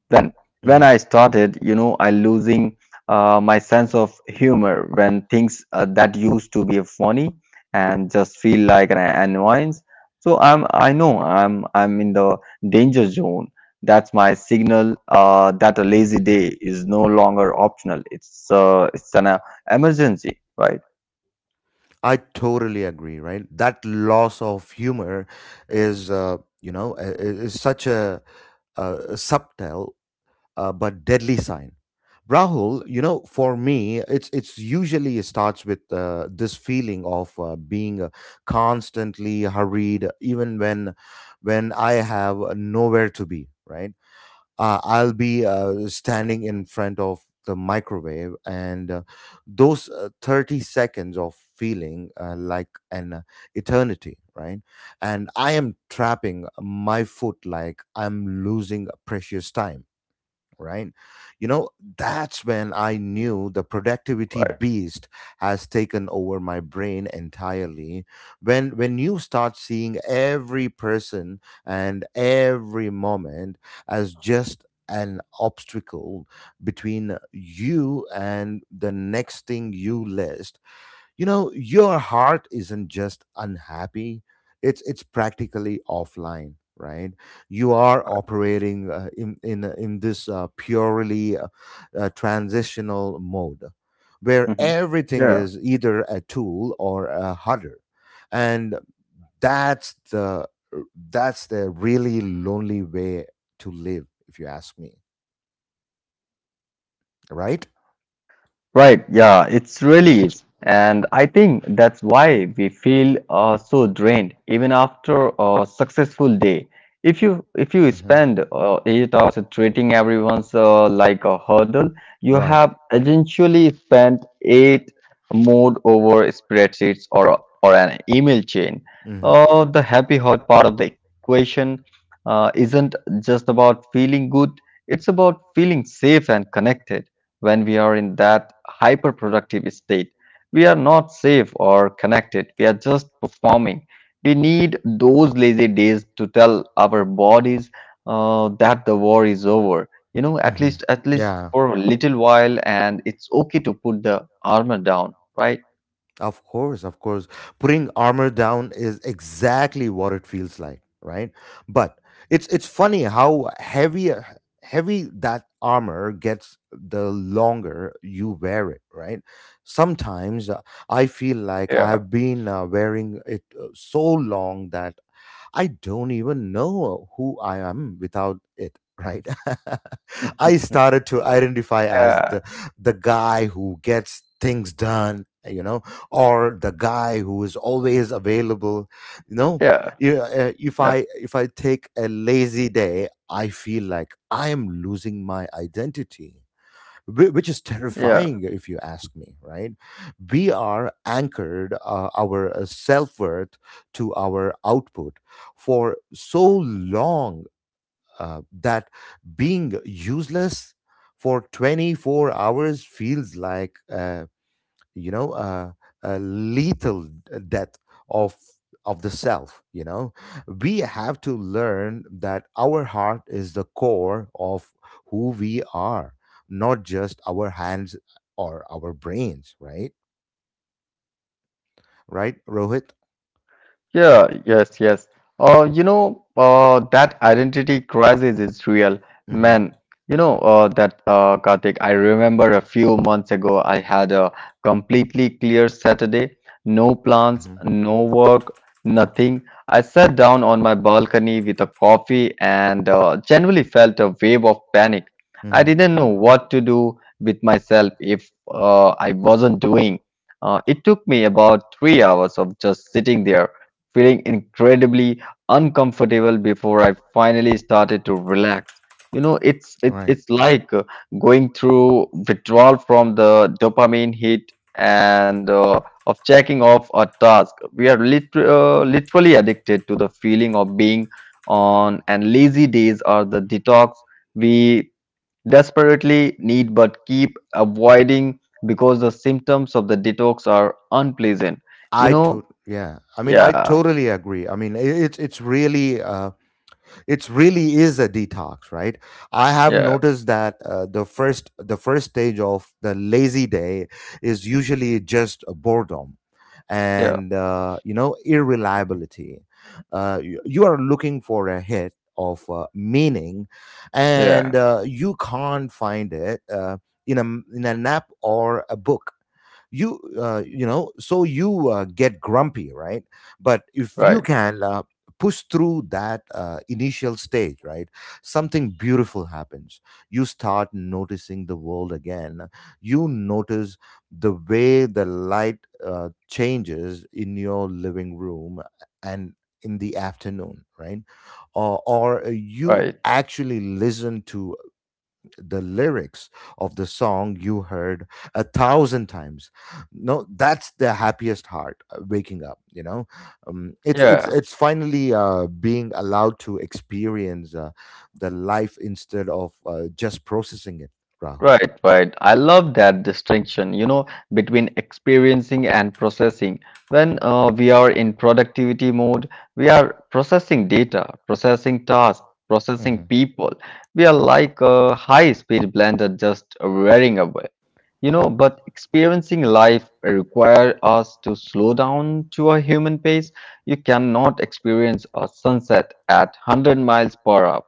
when when
Hmm.
I started I losing my sense of humor when things that used to be funny and just feel like an annoyance so i know i'm in the danger zone. That's my signal that a lazy day is no longer optional. It's an emergency, right?
I totally agree, right? That loss of humor is, you know, is such a, subtle but deadly sign. Rahul, you know, for me, it's usually it starts with this feeling of being constantly hurried, even when I have nowhere to be. Right, I'll be standing in front of the microwave, and those 30 seconds of feeling like an eternity. Right, and I am trapping my foot like I'm losing precious time, right? You know, that's when I knew the productivity
right
beast has taken over my brain entirely. When you start seeing every person and every moment as just an obstacle between you and the next thing you list, you know your heart isn't just unhappy, it's practically offline, right? You are operating in this purely transitional mode where
hmm
everything
Yeah.
is either a tool or a hudder. And that's the, that's the really lonely way to live, if you ask me, right?
Right, yeah, it's
Yeah.
really is. And I think that's why we feel so drained even after a successful day. If you
Hmm.
spend eight hours treating everyone's like a hurdle, you
Right.
have essentially spent eight more over spreadsheets or an email chain.
Hmm.
The happy hot part of the equation isn't just about feeling good; it's about feeling safe and connected. When we are in that hyperproductive state, we are not safe or connected. We are just performing. We need those lazy days to tell our bodies that the war is over. You know,
Hmm.
at least
Yeah.
for a little while, and it's okay to put the armor down, right?
Of course, of course. Putting armor down is exactly what it feels like, right? But it's funny how heavy that armor gets the longer you wear it, right? Sometimes, I feel like
Yeah.
I've been wearing it so long that I don't even know who I am without it, right? I started to identify as
Yeah.
the guy who gets things done, you know, or the guy who is always available, you know.
Yeah,
You, if I take a lazy day, I feel like I am losing my identity, which is
yeah.
terrifying, if you ask me, right? We are anchored, our self-worth to our output for so long, that being useless for 24 hours feels like, you know, a lethal death of the self, you know. We have to learn that our heart is the core of who we are, not just our hands or our brains, right? Right, Rohit.
Yeah, yes, yes. That identity crisis is real,
Mm-hmm.
man. That Karthik, I remember a few months ago, I had a completely clear Saturday, no plans,
Mm-hmm.
no work, nothing. I sat down on my balcony with a coffee and genuinely felt a wave of panic. I
Mm-hmm.
didn't know what to do with myself if I wasn't doing. It took me about three hours of just sitting there feeling incredibly uncomfortable before I finally started to relax. You know,
Right.
it's like going through withdrawal from the dopamine hit and of checking off a task. We are literally addicted to the feeling of being on, and lazy days are the detox we desperately need but keep avoiding because the symptoms of the detox are unpleasant. You
I
know,
to Yeah, I mean, I
yeah,
totally agree, I mean, it's really it's really is a detox, right? I have
yeah.
noticed that the first stage of the lazy day is usually just boredom
yeah
and, you know, irreliability. You are looking for a hit of meaning, and
yeah
you can't find it in a in an app or a book. You know, so you get grumpy, right? But if you
right
can push through that initial stage, right, something beautiful happens. You start noticing the world again. You notice the way the light changes in your living room and in the afternoon, right? Or, you
right
actually listen to the lyrics of the song you heard a thousand times. No, that's the happiest heart waking up. You know, um, it's it's
yeah
it's finally being allowed to experience the life instead of just processing it, Rahul.
Right, right. I love that distinction, you know, between experiencing and processing. When we are in productivity mode, we are processing data, processing tasks, processing
Hmm.
people. We are like a high-speed blender just wearing away. You know, but experiencing life requires us to slow down to a human pace. You cannot experience a sunset at 100 miles per hour,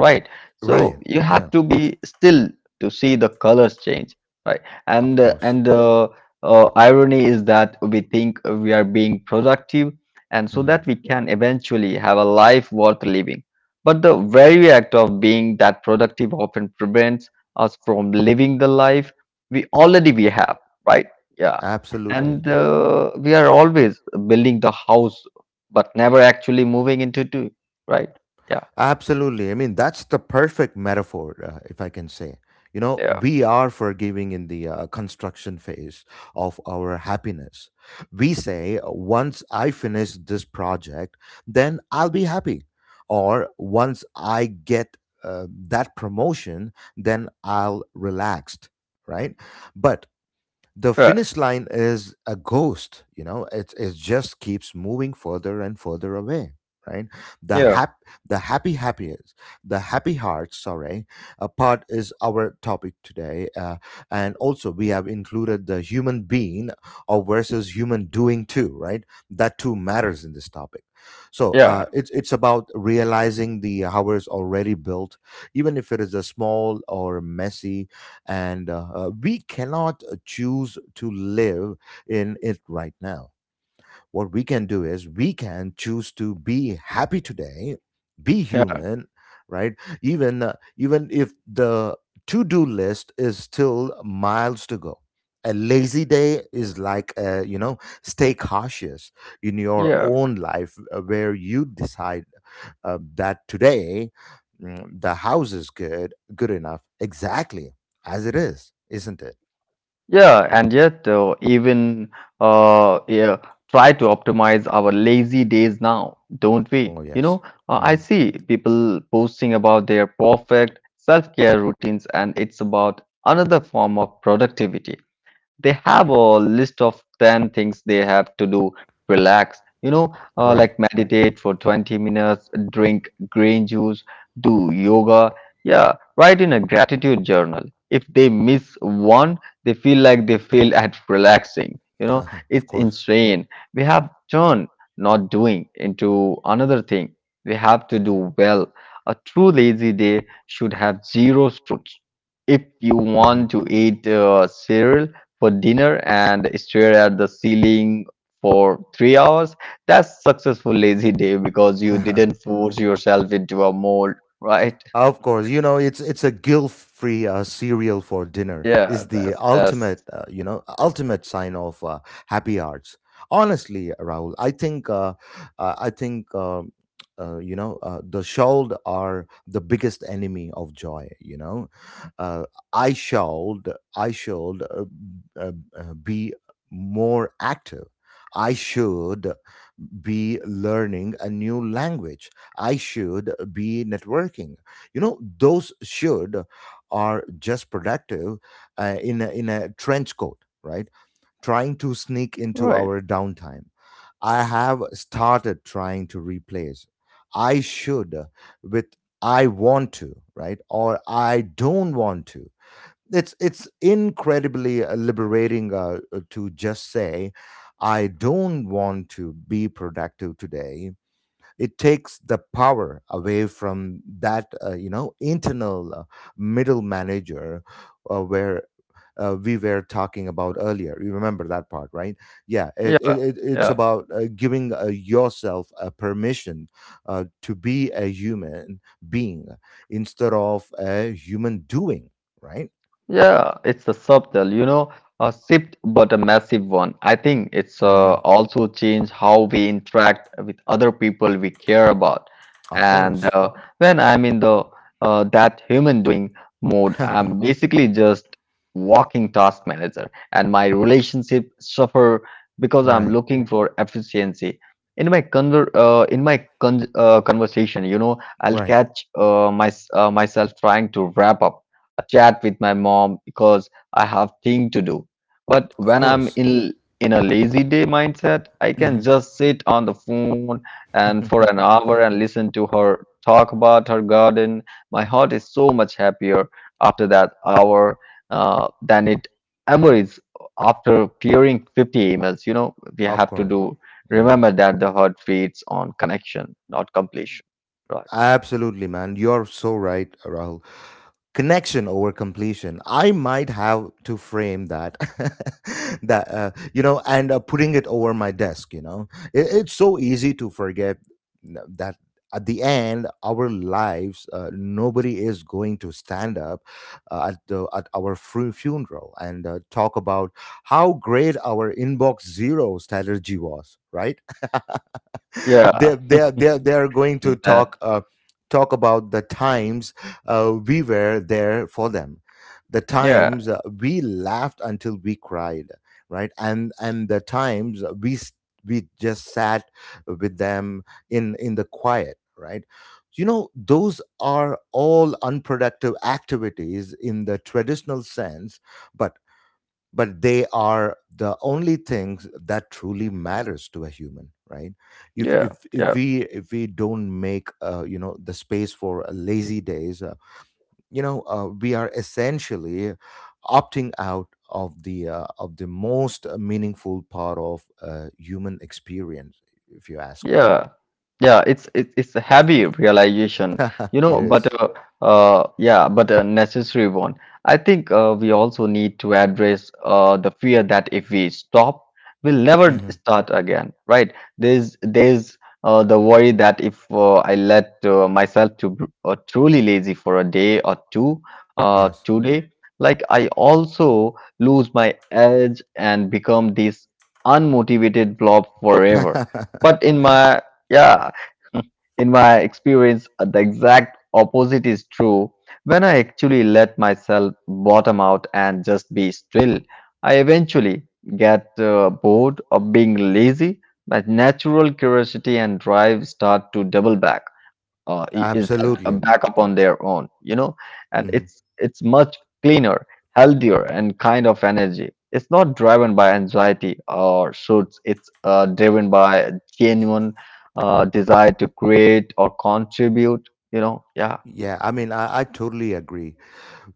right? So
Right?
you
Yeah.
have to be still to see the colors change, right?
Of course.
And the irony is that we think we are being productive, and so
Mhm.
that we can eventually have a life worth living. But the very act of being that productive often prevents us from living the life we have, right? Yeah, and
Absolutely.
we are always building the house, but never actually moving into it, right? Yeah,
Absolutely. I mean, that's the perfect metaphor, if I can say. You know,
yeah,
we are forgiving in the construction phase of our happiness. We say, once I finish this project, then I'll be happy. Or once I get that promotion, then I'll relaxed, right? But the
sure,
finish line is a ghost, it just keeps moving further and further away, right? the
yeah,
hap the happy happiest, the happy heart, sorry, a part is our topic today. And also we have included the human being or versus human doing too, right? That too matters in this topic. So
yeah.
it's about realizing the hours already built, even if it is a small or messy. And uh, uh, we cannot choose to live in it right now. What we can do is we can choose to be happy today, be
Yeah,
human, right? Even if the to-do list is still miles to go. A lazy day is like, you know, stay cautious in your
Yeah.
own life, where you decide that today, the house is good, good enough, exactly as it is, isn't it?
Yeah, and yet uh, yeah, try to optimize our lazy days now, don't we?
Oh yes. Hmm.
I see people posting about their perfect self-care routines, and it's about another form of productivity. They have a list of 10 things they have to do relax,
Right.
like meditate for 20 minutes, drink green juice, do yoga, yeah write in a gratitude journal. If they miss one, they feel like they fail at relaxing, you know.
Of
It's
course.
insane. We have turned not doing into another thing we have to do well. A true lazy day should have zero rules. If you
Hmm.
want to eat cereal for dinner and stare at the ceiling for three hours, that's successful lazy day because you didn't force yourself into a mold, right?
Of course, it's a guilt-free, cereal for dinner. Is
Yeah,
the
that's
ultimate, ultimate sign of happy hearts. Honestly, Rahul, I think you know the shawled are the biggest enemy of joy. You know, uh, I shawled, I shawled uh, be more active. I should be learning a new language. I should be networking, you know. Those should are just productive, in a trench coat, right? Trying to sneak into
right.
our downtime. I have started trying to replace I should with I want to, right, or I don't want to. It's incredibly liberating to just say I don't want to be productive today. It takes the power away from that, you know, internal middle manager, where we were talking about earlier. You remember that part, right? Yeah,
Yeah,
it's
yeah.
about giving yourself a permission to be a human being instead of a human doing, right?
Yeah, it's a subtle, you know, a shift but a massive one. I think it's
Hmm.
also changed how we interact with other people we care about.
Of
And
course.
when I'm in the that human doing mode, I'm basically just walking task manager, and my relationship suffer because I'm
Right.
looking for efficiency. In my conversation, you know, I'll
Right.
catch myself trying to wrap up chat with my mom because I have thing to do. But
Of
when I'm
course.
in in a lazy day mindset, I
Hmm.
can just sit on the phone and for an hour and listen to her talk about her garden. My heart is so much happier after that hour than it ever is after clearing 50 emails. You know, we
Of
have to
course.
do
Yeah.
remember that the heart feeds on connection, not completion. Right.
Absolutely, man. You're so right, Rahul. Connection over completion. I might have to frame that, that and putting it over my desk. You know, it's so easy to forget that at the end, our lives, nobody is going to stand up at our funeral and talk about how great our inbox zero strategy was, right? they
Yeah,
they they they are going
is
to
that
talk, talk about the times we were there for them, the
yeah,
times we laughed until we cried, right, and the times, we just sat with them in the quiet, right? You know, those are all unproductive activities in the traditional sense, but but they are the only things that truly matters to a human, right? if
yeah,
if
yeah.
if we if we don't make, you know, the space for lazy days, we are essentially opting out of the, most meaningful part of human experience, if you ask me.
Yeah, yeah, it's a heavy realization, you
It
know, but
is.
yeah, but a necessary one. I think we also need to address the fear that if we stop, we'll never
Mhm.
start again, right? There's the worry that if I let myself to truly lazy for a day or two,
Yes.
today, like I also lose my edge and become this unmotivated blob forever. But in my yeah, in my experience, the exact opposite is true. When I actually let myself bottom out and just be still, I eventually get bored of being lazy. My natural curiosity and drive start to double back is that a
Absolutely.
backup on their own, you know. And
Mhm.
it's much cleaner, healthier and kind of energy. It's not driven by anxiety or shoots. It's driven by a genuine desire to create or contribute, yeah.
Yeah, I mean, I totally agree.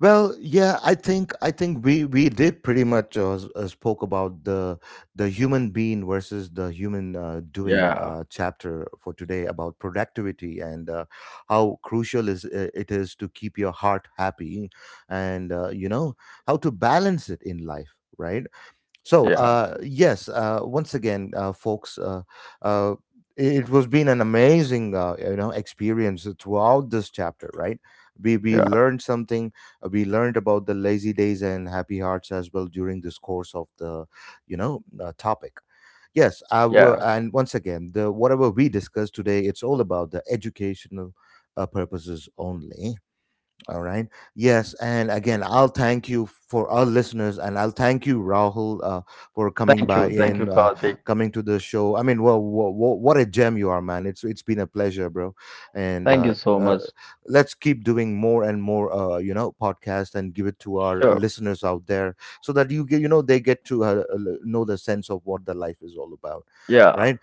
Well, yeah, I think we did pretty much spoke about the human being versus the human doing
yeah
chapter for today about productivity, and how crucial is it is to keep your heart happy and, you know, how to balance it in life, right? So,
yeah
yes, once again, folks, uh, it was been an amazing, experience throughout this chapter, right? We
yeah
learned something. We learned about the lazy days and happy hearts as well during this course of the, you know, topic. Yes, I
yeah
will, and once again, the whatever we discussed today, it's all about the educational purposes only. All right. Yes, and again, I'll thank you for our listeners, and I'll thank you, Rahul, for coming
Thank
by
you, thank
in,
you, Karthik.
coming to the show. I mean, well, what a gem you are, man! It's been a pleasure, bro, and
Thank you
uh,
so
uh,
much.
let's keep doing more and more, you know, podcast and give it to our
Sure
listeners out there, so that you get, you know, they get to know the sense of what the life is all about,
yeah
right?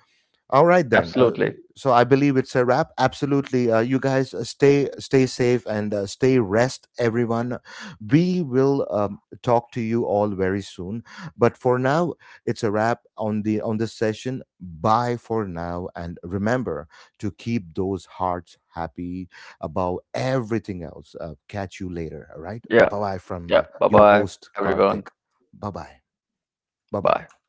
All right then.
absolutely
So I believe it's a wrap. Absolutely. You guys, stay safe and, stay rest, everyone. We will talk to you all very soon. But for now, it's a wrap on the on this session. Bye for now, and remember to keep those hearts happy above everything else. Catch you later. All right.
yeah
Bye bye from,
Yeah, bye
your
bye
host
everyone.
Karthik. Bye bye. Bye
Bye.
bye.